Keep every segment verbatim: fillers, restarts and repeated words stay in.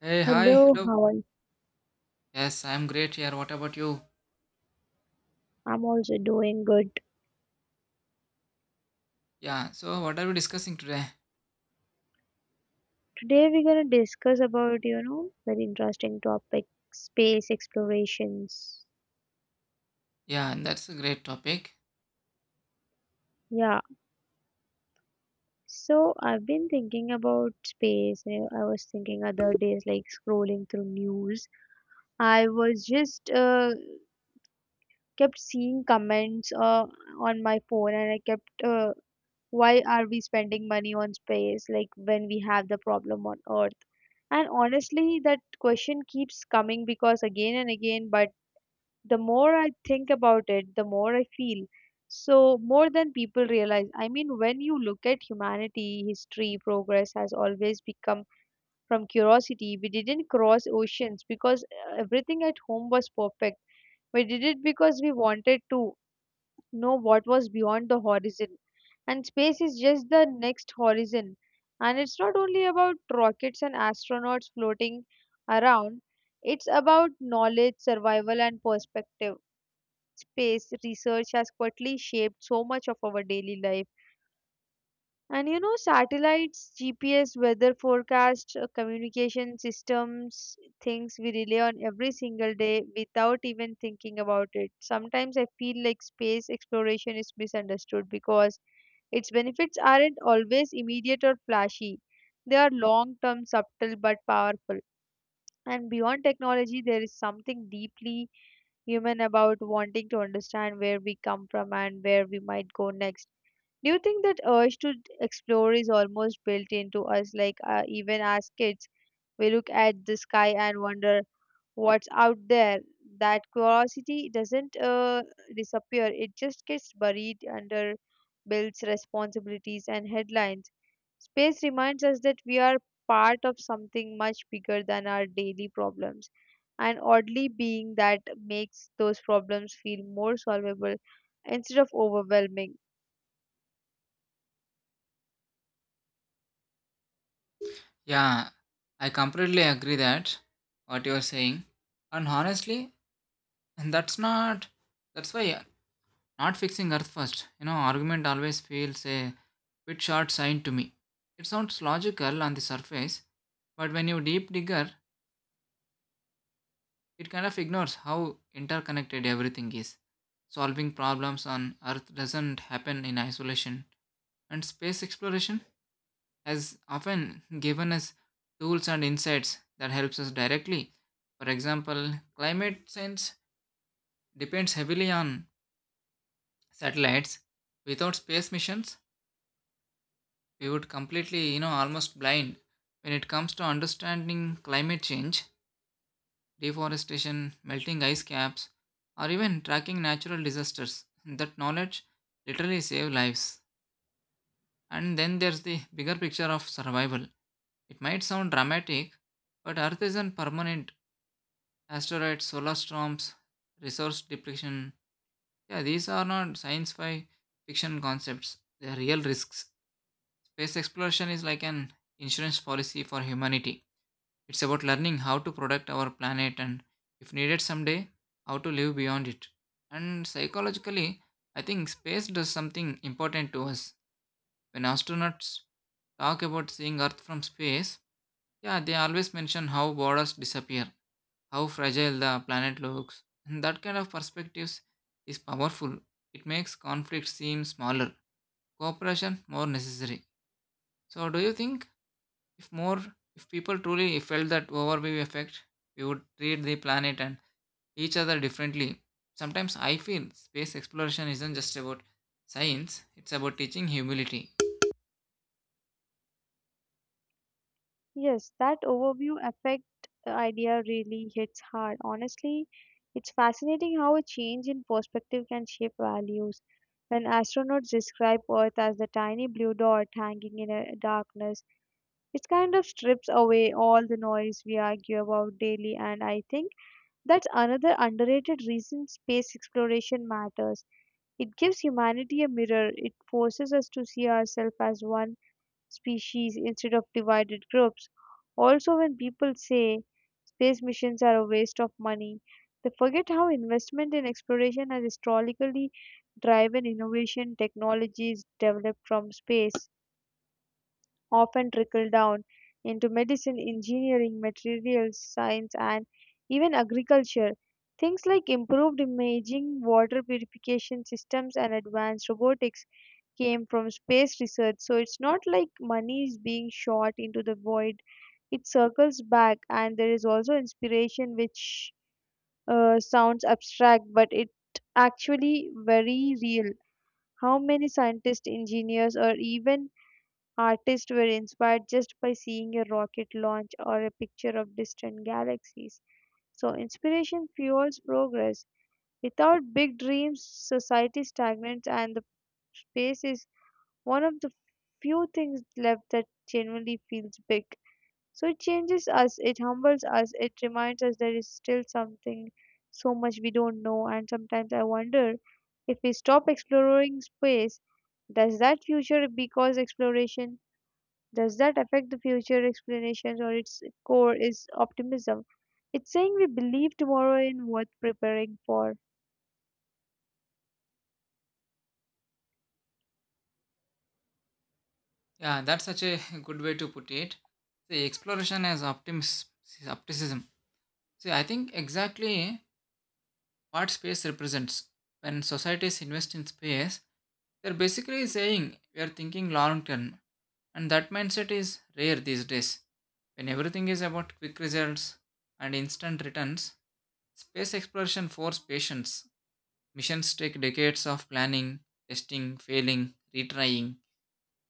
Hey, hi, Hello, hello. how are you? Yes, I'm great here. What about you? I'm also doing good. Yeah, so what are we discussing today? Today we're gonna discuss about, you know, very interesting topic, space explorations. Yeah, that's a great topic. Yeah. So I've been thinking about space. You know, I was thinking other days, like scrolling through news. I was just uh, kept seeing comments uh, on my phone, and I kept uh, why are we spending money on space, like when we have the problem on Earth? And honestly, that question keeps coming because again and again, but the more I think about it, the more I feel. So, more than people realize, I mean, when you look at humanity history, progress has always become from curiosity. We didn't cross oceans because uh, everything at home was perfect. We did it because we wanted to know what was beyond the horizon. And space is just the next horizon. And it's not only about rockets and astronauts floating around, it's about knowledge, survival, and perspective. Space research has quietly shaped so much of our daily life, and you know, satellites, G P S, weather forecast, uh, communication systems, things we rely on every single day without even thinking about it. Sometimes I feel like space exploration is misunderstood because its benefits aren't always immediate or flashy. They are long term, subtle, but powerful. And beyond technology, there is something deeply human about wanting to understand where we come from and where we might go next. Do you think that urge to explore is almost built into us? Like, uh, even as kids, we look at the sky and wonder what's out there. That curiosity doesn't uh, disappear, it just gets buried under bills, responsibilities, and headlines. Space reminds us that we are part of something much bigger than our daily problems. And oddly, being that makes those problems feel more solvable instead of overwhelming. Yeah, I completely agree that what you are saying. And honestly, and that's not that's why not fixing earth first. You know, argument always feels a bit short sighted to me. It sounds logical on the surface, but when you deep digger, it kind of ignores how interconnected everything is. Solving problems on earth doesn't happen in isolation, and space exploration has often given us tools and insights that helps us directly. For example, climate science depends heavily on satellites. Without space missions we would completely, you know almost blind when it comes to understanding climate change, deforestation, melting ice caps, or even tracking natural disasters. That knowledge literally save lives. And then there's the bigger picture of survival. It might sound dramatic, but Earth isn't permanent. Asteroids, solar storms, resource depletion. Yeah, these are not science fi- fiction concepts. They are real risks. Space exploration is like an insurance policy for humanity. It's about learning how to protect our planet and, if needed someday, how to live beyond it. And psychologically, I think space does something important to us. When astronauts talk about seeing Earth from space, yeah, they always mention how borders disappear, how fragile the planet looks. And that kind of perspectives is powerful. It makes conflict seem smaller, cooperation more necessary. So, do you think if more, if people truly felt that overview effect, we would treat the planet and each other differently? Sometimes I feel space exploration isn't just about science; it's about teaching humility. Yes, that overview effect uh, idea really hits hard. Honestly, it's fascinating how a change in perspective can shape values. When astronauts describe Earth as the tiny blue dot hanging in a darkness, it kind of strips away all the noise we argue about daily, and I think that's another underrated reason space exploration matters. It gives humanity a mirror, it forces us to see ourselves as one species instead of divided groups. Also, when people say space missions are a waste of money, they forget how investment in exploration has historically driven innovation technologies developed from space often trickle down into medicine, engineering, materials science, and even agriculture. Things like improved imaging, water purification systems, and advanced robotics came from space research. So it's not like money is being shot into the void, it circles back, and there is also inspiration, which uh, sounds abstract, but it actually very real. How many scientists, engineers, or even artists were inspired just by seeing a rocket launch or a picture of distant galaxies. So, inspiration fuels progress. Without big dreams, society stagnates, and the space is one of the few things left that genuinely feels big. So, it changes us, it humbles us, it reminds us there is still something so much we don't know, and sometimes I wonder if we stop exploring space, does that future because exploration? Does that affect the future explanations or its core is optimism? It's saying we believe tomorrow in worth preparing for. Yeah, that's such a good way to put it. See, exploration as optimis- optimism. See, I think exactly what space represents. When societies invest in space, they're basically saying we are thinking long term. And that mindset is rare these days. When everything is about quick results and instant returns, space exploration forces patience. Missions take decades of planning, testing, failing, retrying.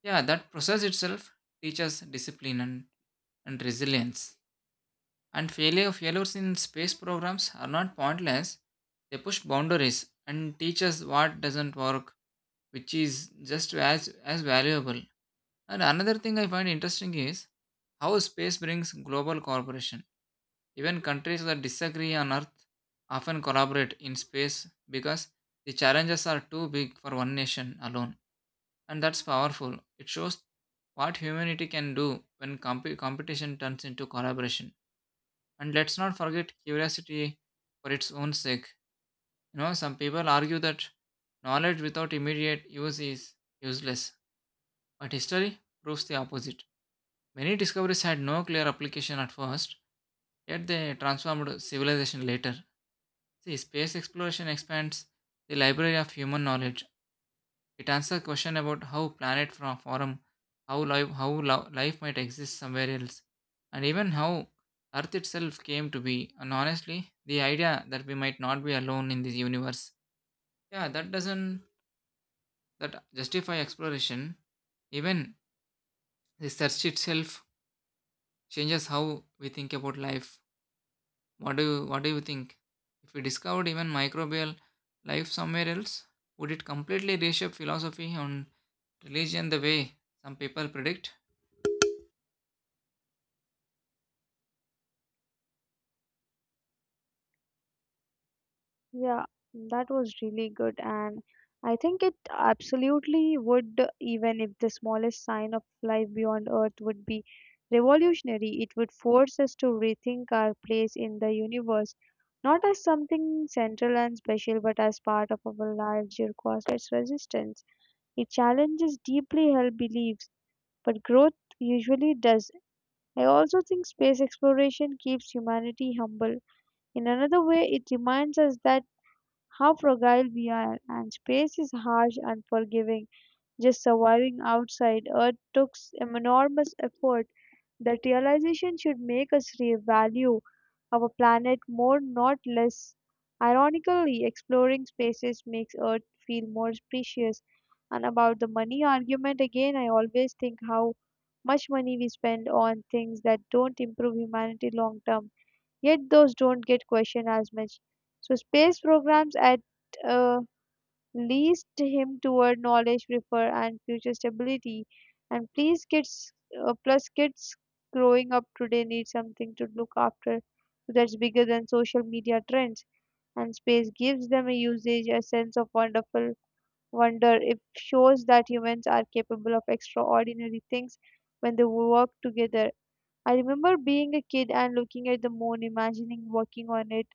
Yeah, that process itself teaches discipline and, and resilience. And failure failures in space programs are not pointless. They push boundaries and teach us what doesn't work, which is just as as valuable. And another thing I find interesting is how space brings global cooperation. Even countries that disagree on Earth often collaborate in space because the challenges are too big for one nation alone, and that's powerful. It shows what humanity can do when comp- competition turns into collaboration. And let's not forget curiosity for its own sake. You know, some people argue that knowledge without immediate use is useless, but history proves the opposite. Many discoveries had no clear application at first, yet they transformed civilization later. See, space exploration expands the library of human knowledge. It answers a question about how planet from forum, how life, how lo- life might exist somewhere else, and even how Earth itself came to be. And honestly, the idea that we might not be alone in this universe, yeah, that doesn't that justify exploration. Even the search itself changes how we think about life. What do you, what do you think? If we discovered even microbial life somewhere else, would it completely reshape philosophy and religion the way some people predict? Yeah, that was really good. And I think it absolutely would, even if the smallest sign of life beyond Earth would be revolutionary. It would force us to rethink our place in the universe, not as something central and special, but as part of our larger cosmos and its resistance. It challenges deeply held beliefs, but growth usually does. I also think space exploration keeps humanity humble. In another way, it reminds us that how fragile we are, and space is harsh and forgiving. Just surviving outside Earth took enormous effort. That realization should make us revalue our planet more, not less. Ironically, exploring spaces makes Earth feel more precious. And about the money argument, again, I always think how much money we spend on things that don't improve humanity long term, yet those don't get questioned as much. So, space programs at uh, leads him toward knowledge, prefer, and future stability. And please, kids, uh, plus kids growing up today need something to look after that's bigger than social media trends. And space gives them a usage, a sense of wonderful wonder. It shows that humans are capable of extraordinary things when they work together. I remember being a kid and looking at the moon, imagining working on it.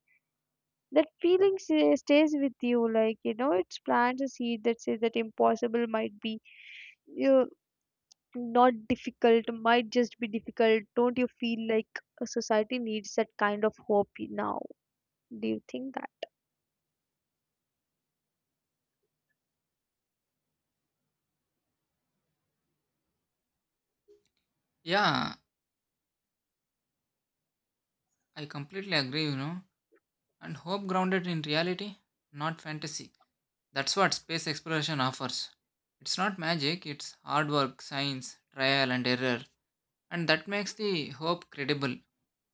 That feeling sa- stays with you, like you know it plants a seed that says that impossible might be uh, not difficult, might just be difficult. Don't you feel like a society needs that kind of hope now? Do you think that? Yeah, I completely agree, you know, and hope grounded in reality, not fantasy. That's what space exploration offers. It's not magic, it's hard work, science, trial and error, and that makes the hope credible.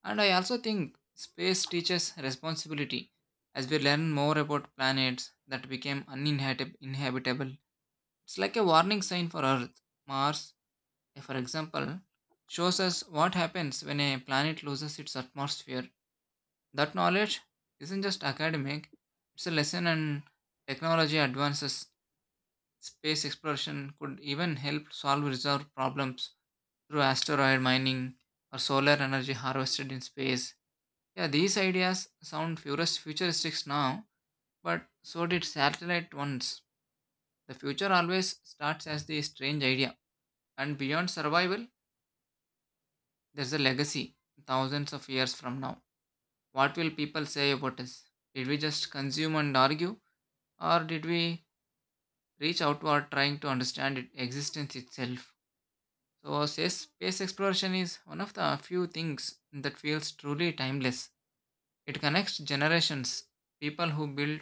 And I also think space teaches responsibility. As we learn more about planets that became uninhabitable, it's like a warning sign for Earth. Mars, eh, for example, shows us what happens when a planet loses its atmosphere. That knowledge isn't just academic, it's a lesson, and technology advances. Space exploration could even help solve reserve problems through asteroid mining or solar energy harvested in space. Yeah, these ideas sound futurist- futuristic now, but so did satellite ones. The future always starts as the strange idea, and beyond survival, there's a legacy thousands of years from now. What will people say about us? Did we just consume and argue? Or did we reach outward trying to understand its existence itself? So, says space exploration is one of the few things that feels truly timeless. It connects generations. People who built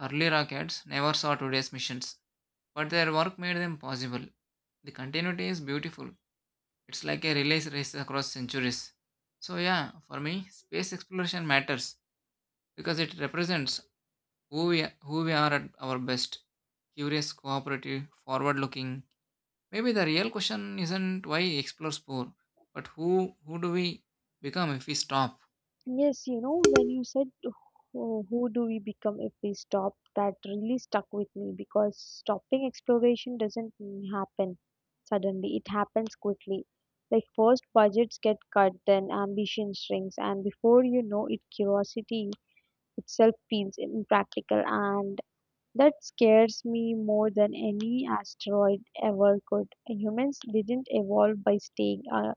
early rockets never saw today's missions, but their work made them possible. The continuity is beautiful. It's like a relay race across centuries. So, yeah, for me, space exploration matters because it represents who we, who we are at our best: curious, cooperative, forward looking. Maybe the real question isn't why explores poor, but who who do we become if we stop? Yes, you know, when you said who, who do we become if we stop, that really stuck with me because stopping exploration doesn't happen suddenly, it happens quickly. Like, first budgets get cut, then ambition shrinks, and before you know it, curiosity itself feels impractical, and that scares me more than any asteroid ever could. Humans didn't evolve by staying uh,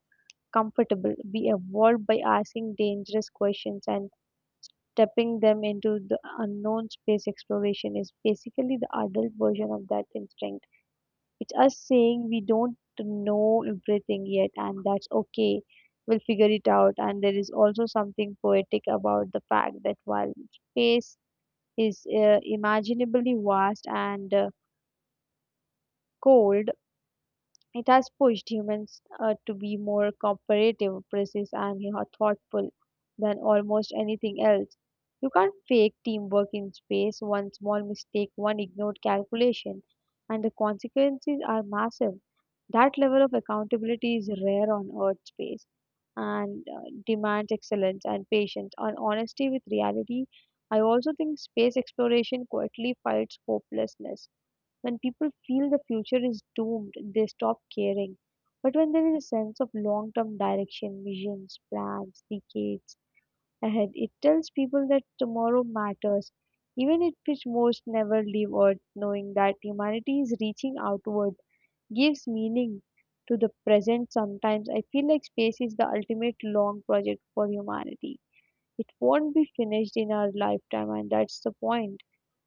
comfortable, we evolved by asking dangerous questions and stepping them into the unknown. Space exploration is basically the adult version of that instinct. It's us saying we don't know everything yet, and that's okay. We'll figure it out. And there is also something poetic about the fact that while space is uh, imaginably vast and uh, cold, it has pushed humans uh, to be more cooperative, precise, and you know, thoughtful than almost anything else. You can't fake teamwork in space, one small mistake, one ignored calculation, and the consequences are massive. That level of accountability is rare on Earth's space, and uh, demands excellence and patience and honesty with reality. I also think space exploration quietly fights hopelessness. When people feel the future is doomed, they stop caring. But when there is a sense of long term direction, visions, plans, decades ahead, it tells people that tomorrow matters. Even if it most never leave Earth, knowing that humanity is reaching outward gives meaning to the present sometimes. I feel like space is the ultimate long project for humanity. It won't be finished in our lifetime, and that's the point.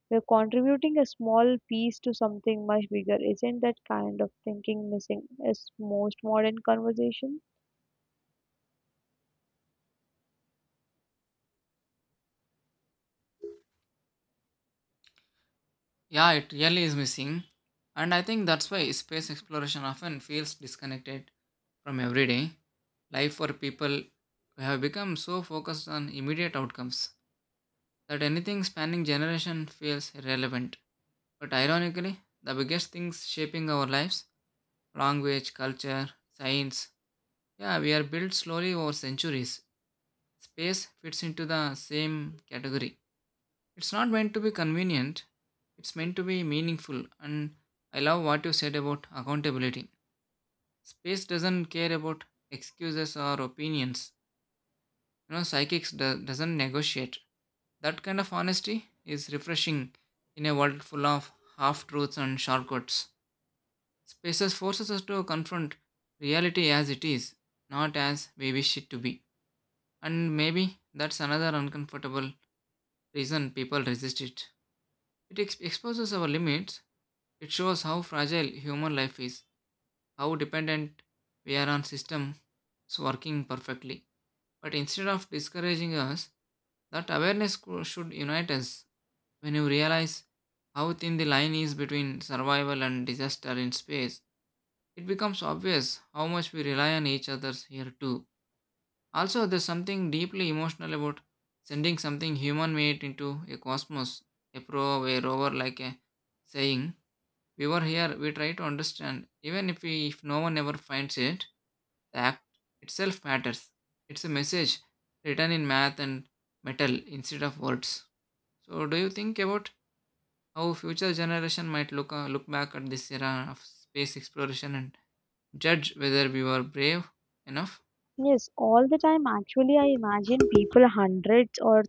We're contributing a small piece to something much bigger. Isn't that kind of thinking missing is most modern conversation? Yeah, it really is missing. And I think that's why space exploration often feels disconnected from everyday life for people who have become so focused on immediate outcomes that anything spanning generation feels irrelevant. But ironically, the biggest things shaping our lives, language, culture, science, yeah, we are built slowly over centuries. Space fits into the same category. It's not meant to be convenient, it's meant to be meaningful. And I love what you said about accountability. Space doesn't care about excuses or opinions. You know, psychics do- doesn't negotiate. That kind of honesty is refreshing in a world full of half truths and shortcuts. Spaces forces us to confront reality as it is, not as we wish it to be. And maybe that's another uncomfortable reason people resist it. It ex- exposes our limits. It shows how fragile human life is, how dependent we are on systems working perfectly. But instead of discouraging us, that awareness co- should unite us. When you realize how thin the line is between survival and disaster in space, it becomes obvious how much we rely on each other here too. Also, there's something deeply emotional about sending something human made into a cosmos, a probe, a rover, like a saying, "We were here, we try to understand." Even if, we, if no one ever finds it, the act itself matters. It's a message written in math and metal instead of words. So, do you think about how future generation might look, uh, look back at this era of space exploration and judge whether we were brave enough? Yes, all the time. Actually, I imagine people hundreds or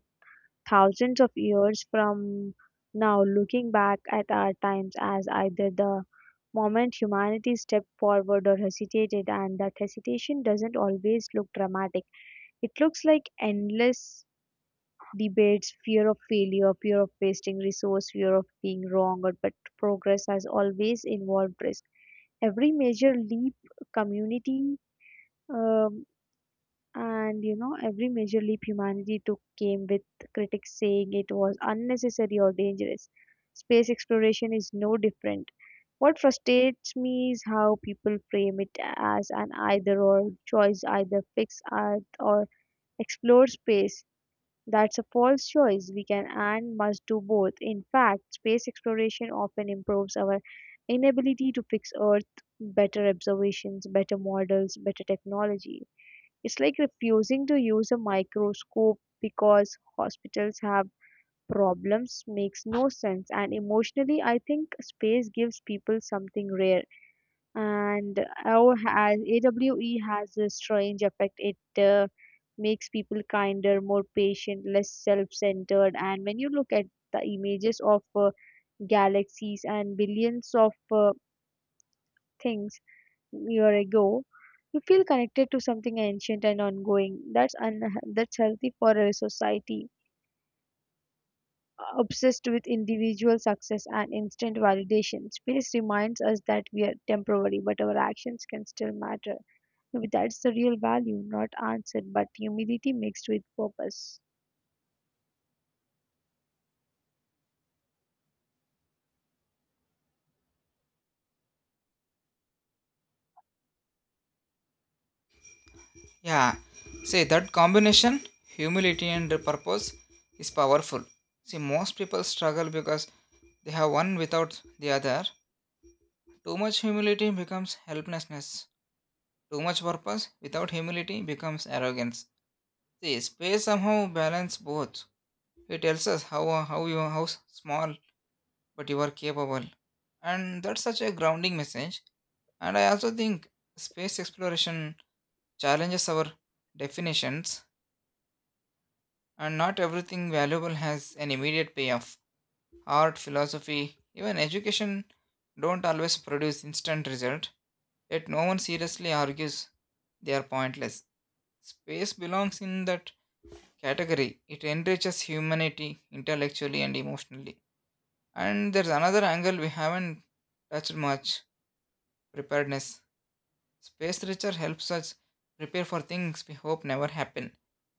thousands of years from now looking back at our times as either the moment humanity stepped forward or hesitated, and that hesitation doesn't always look dramatic. It looks like endless debates, fear of failure, fear of wasting resource, fear of being wrong, but progress has always involved risk. Every major leap community, um, and you know every major leap humanity took came with critics saying it was unnecessary or dangerous. Space exploration is no different. What frustrates me is how people frame it as an either or choice, either fix Earth or explore space, that's a false choice. We can and must do both. In fact, space exploration often improves our inability to fix Earth, better observations, better models, better technology. It's like refusing to use a microscope because hospitals have problems makes no sense. And emotionally, I think space gives people something rare, and AW has, AWE has a strange effect. It uh, makes people kinder, more patient, less self-centered. And when you look at the images of uh, galaxies and billions of uh, things year ago, you feel connected to something ancient and ongoing. That's un- that's healthy for a society obsessed with individual success and instant validation. Space reminds us that we are temporary, but our actions can still matter. That's the real value, not answer, but humility mixed with purpose. Yeah, see that combination, humility and purpose, is powerful. See, most people struggle because they have one without the other. Too much humility becomes helplessness. Too much purpose without humility becomes arrogance. See, space somehow balance both. It tells us how uh, how you how small but you are capable, and that's such a grounding message. And I also think space exploration challenges our definitions. And not everything valuable has an immediate payoff. Art, philosophy, even education don't always produce instant result, yet no one seriously argues they are pointless. Space belongs in that category. It enriches humanity intellectually and emotionally. And there's another angle we haven't touched much: preparedness. Space research helps us prepare for things we hope never happen: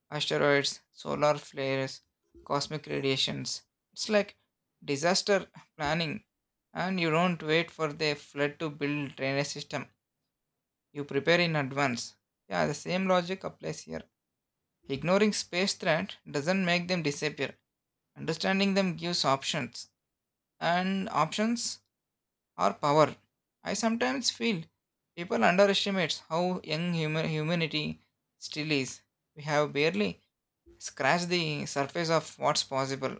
asteroids, solar flares, cosmic radiations. It's like disaster planning, and you don't wait for the flood to build drainage system. You prepare in advance. Yeah, the same logic applies here. Ignoring space threat doesn't make them disappear. Understanding them gives options, and options are power. I sometimes feel people underestimate how young human humanity still is. We have barely scratch the surface of what's possible.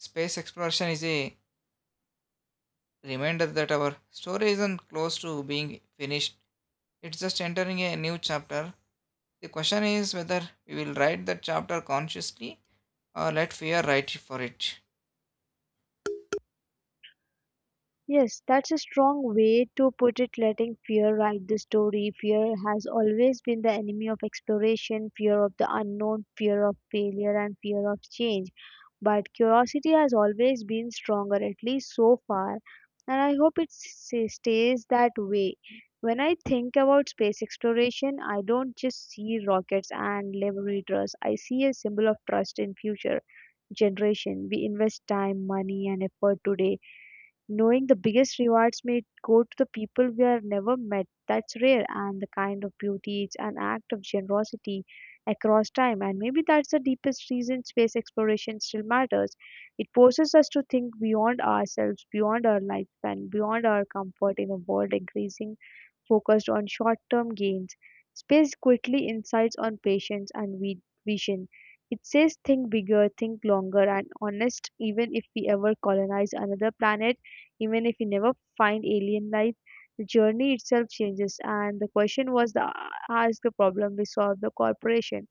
Space exploration is a reminder that our story isn't close to being finished, it's just entering a new chapter. The question is whether we will write that chapter consciously or let fear write for it. Yes, that's a strong way to put it, letting fear write the story. Fear has always been the enemy of exploration, fear of the unknown, fear of failure, and fear of change. But curiosity has always been stronger, at least so far, and I hope it s- stays that way. When I think about space exploration, I don't just see rockets and laboratories, I see a symbol of trust in future generation. We invest time, money, and effort today, knowing the biggest rewards may go to the people we are never met, that's rare, and the kind of beauty is an act of generosity across time. And maybe that's the deepest reason space exploration still matters. It forces us to think beyond ourselves, beyond our lifespan, beyond our comfort in a world increasing focused on short-term gains. Space quickly insights on patience and vi- vision. It says think bigger, think longer, and honest. Even if we ever colonize another planet, even if we never find alien life, the journey itself changes. And the question was the ask the problem we solve the corporation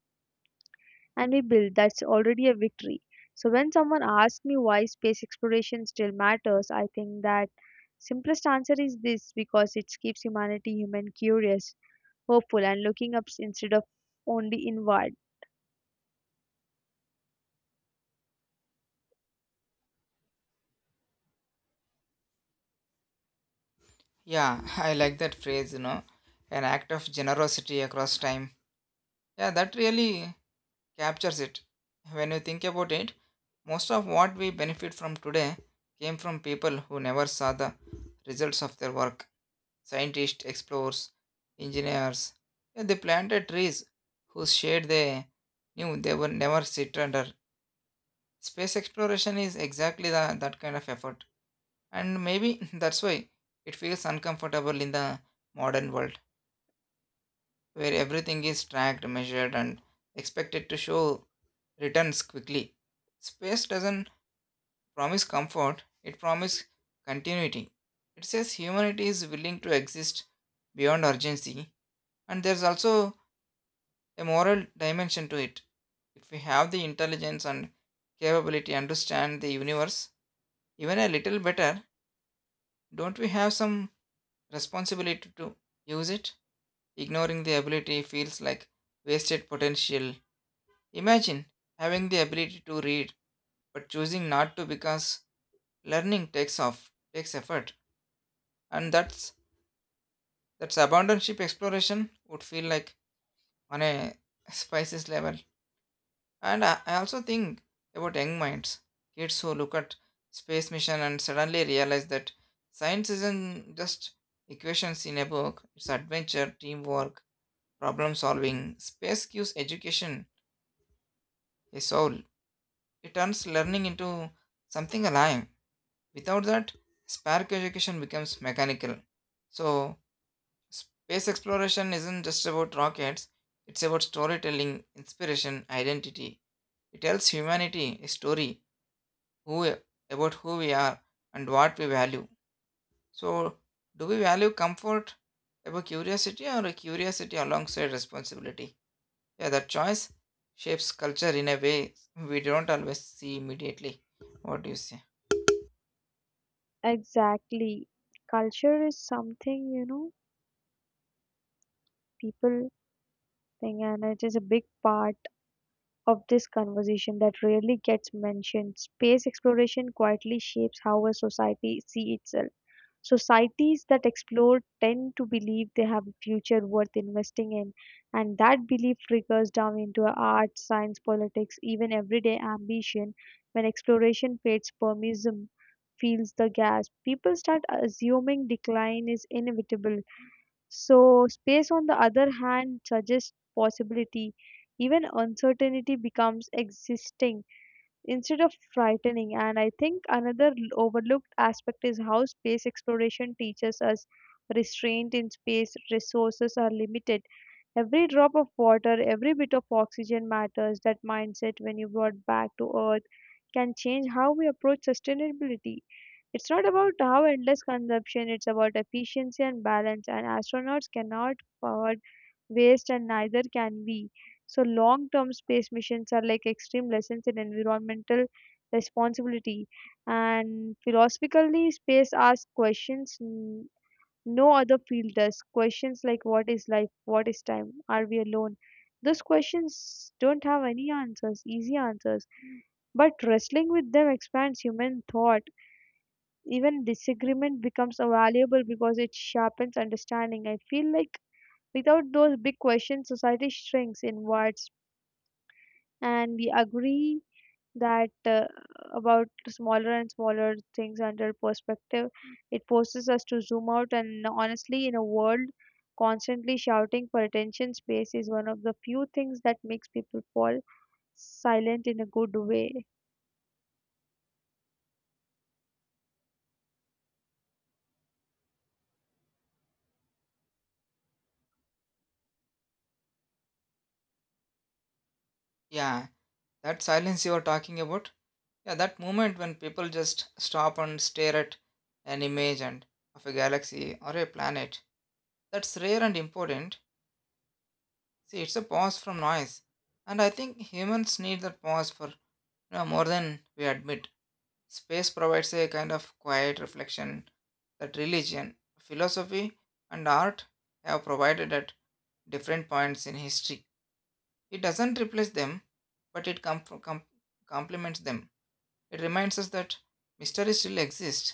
and we build, that's already a victory. So when someone asks me why space exploration still matters, I think that simplest answer is this, because it keeps humanity human, curious, hopeful and looking up instead of only inward. Yeah, I like that phrase, you know, an act of generosity across time. Yeah, that really captures it. When you think about it, most of what we benefit from today came from people who never saw the results of their work: scientists, explorers, engineers. Yeah, they planted trees whose shade they knew they would never sit under. Space exploration is exactly the, that kind of effort. And maybe that's why it feels uncomfortable in the modern world, where everything is tracked, measured, and expected to show returns quickly. Space doesn't promise comfort, it promises continuity. It says humanity is willing to exist beyond urgency, and there's also a moral dimension to it. If we have the intelligence and capability to understand the universe even a little better, don't we have some responsibility to use it? Ignoring the ability feels like wasted potential. Imagine having the ability to read but choosing not to because learning takes off, takes effort. And that's that's abandon exploration would feel like on a spices level. And I, I also think about young minds, kids who look at space mission and suddenly realize that science isn't just equations in a book, it's adventure, teamwork, problem solving. Space gives education a soul. It turns learning into something alive. Without that, spark education becomes mechanical. So, space exploration isn't just about rockets, it's about storytelling, inspiration, identity. It tells humanity a story who about who we are and what we value. So, do we value comfort above curiosity, or a curiosity alongside responsibility? Yeah, that choice shapes culture in a way we don't always see immediately. What do you say? Exactly. Culture is something, you know, people think, and it is a big part of this conversation that rarely gets mentioned. Space exploration quietly shapes how a society sees itself. Societies that explore tend to believe they have a future worth investing in, and that belief trickles down into art, science, politics, even everyday ambition. When exploration fades, permism fills the gas. People start assuming decline is inevitable, so space, on the other hand, suggests possibility. Even uncertainty becomes existing instead of frightening. And I think another l- overlooked aspect is how space exploration teaches us restraint. In space, resources are limited. Every drop of water, every bit of oxygen matters. That mindset, when you brought back to Earth, can change how we approach sustainability. It's not about how endless consumption, it's about efficiency and balance, and astronauts cannot afford waste, and neither can we. So long-term space missions are like extreme lessons in environmental responsibility. And philosophically, space asks questions n- no other field does. Questions like what is life, what is time, are we alone? Those questions don't have any answers, easy answers, but wrestling with them expands human thought. Even disagreement becomes valuable because it sharpens understanding. I feel like without those big questions, society shrinks inwards and we agree that uh, about smaller and smaller things under perspective. It forces us to zoom out, and honestly, in a world constantly shouting for attention, space is one of the few things that makes people fall silent in a good way. Yeah, that silence you are talking about. Yeah, that moment when people just stop and stare at an image and of a galaxy or a planet. That's rare and important. See, it's a pause from noise. And I think humans need that pause, for you know, more than we admit. Space provides a kind of quiet reflection that religion, philosophy, and art have provided at different points in history. It doesn't replace them, but it com- com- complements them. It reminds us that mystery still exists,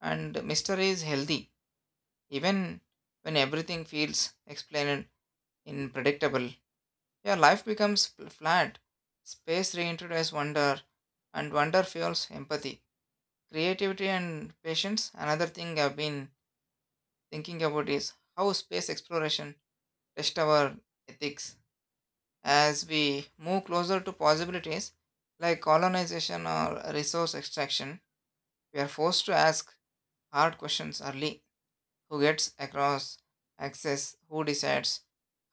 and mystery is healthy, even when everything feels explained in predictable, yeah, life becomes fl- flat. Space reintroduces wonder, and wonder fuels empathy. Creativity and patience. Another thing I've been thinking about is how space exploration tests our ethics. As we move closer to possibilities like colonization or resource extraction, we are forced to ask hard questions early. Who gets across access? Who decides?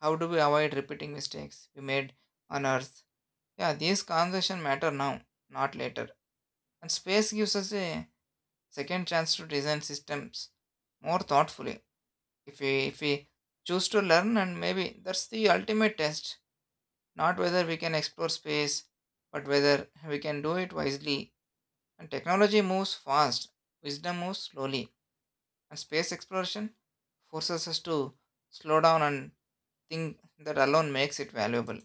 How do we avoid repeating mistakes we made on Earth? Yeah, these conversations matter now, not later. And space gives us a second chance to design systems more thoughtfully. If we if we choose to learn, and maybe that's the ultimate test, not whether we can explore space, but whether we can do it wisely. And technology moves fast, wisdom moves slowly. And space exploration forces us to slow down and think. That alone makes it valuable.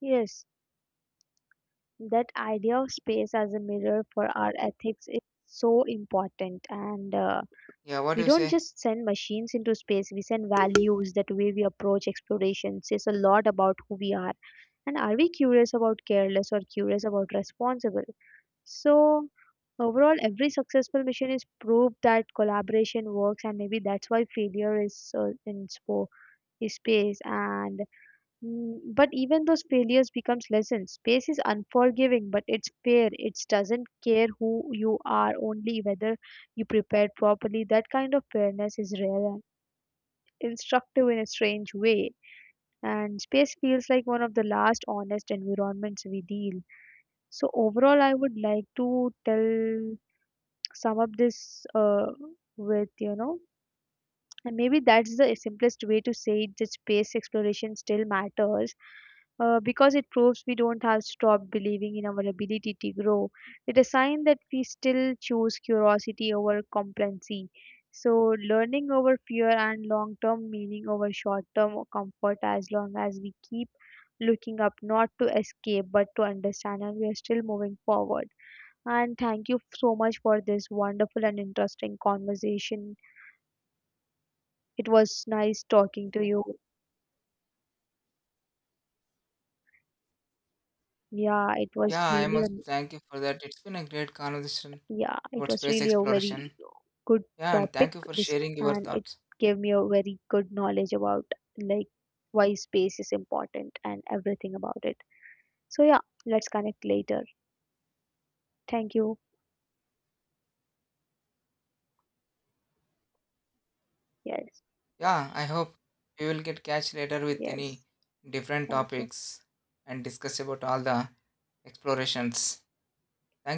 Yes, that idea of space as a mirror for our ethics is so important, and uh, Yeah, what do we you don't say? just send machines into space, we send values. That way we approach exploration says a lot about who we are. And are we curious about careless or curious about responsible? So, overall, every successful mission is proof that collaboration works, and maybe that's why failure is uh, in spo- is space. And mm, but even those failures becomes lessons. Space is unforgiving, but it's fair. It doesn't care who you are, only whether you prepared properly. That kind of fairness is rare and instructive in a strange way. And space feels like one of the last honest environments we deal. So overall, I would like to tell sum up this uh, with you know, and maybe that's the simplest way to say it. That space exploration still matters uh, because it proves we don't have stopped believing in our ability to grow. It is a sign that we still choose curiosity over complacency. So, learning over fear and long term meaning over short term comfort, as long as we keep looking up, not to escape but to understand, and we are still moving forward. And thank you so much for this wonderful and interesting conversation. It was nice talking to you. Yeah, it Yeah, was I'm really, also a- thank you for that. It's been a great conversation yeah, it about was space really a very exploration. good Yeah, and topic thank you for this, sharing your and it thoughts. gave me a very good knowledge about like why space is important and everything about it, so yeah, let's connect later. Thank you. Yes. Yeah, I hope we will get catch later with any yes different thank you. topics and discuss about all the explorations. Thank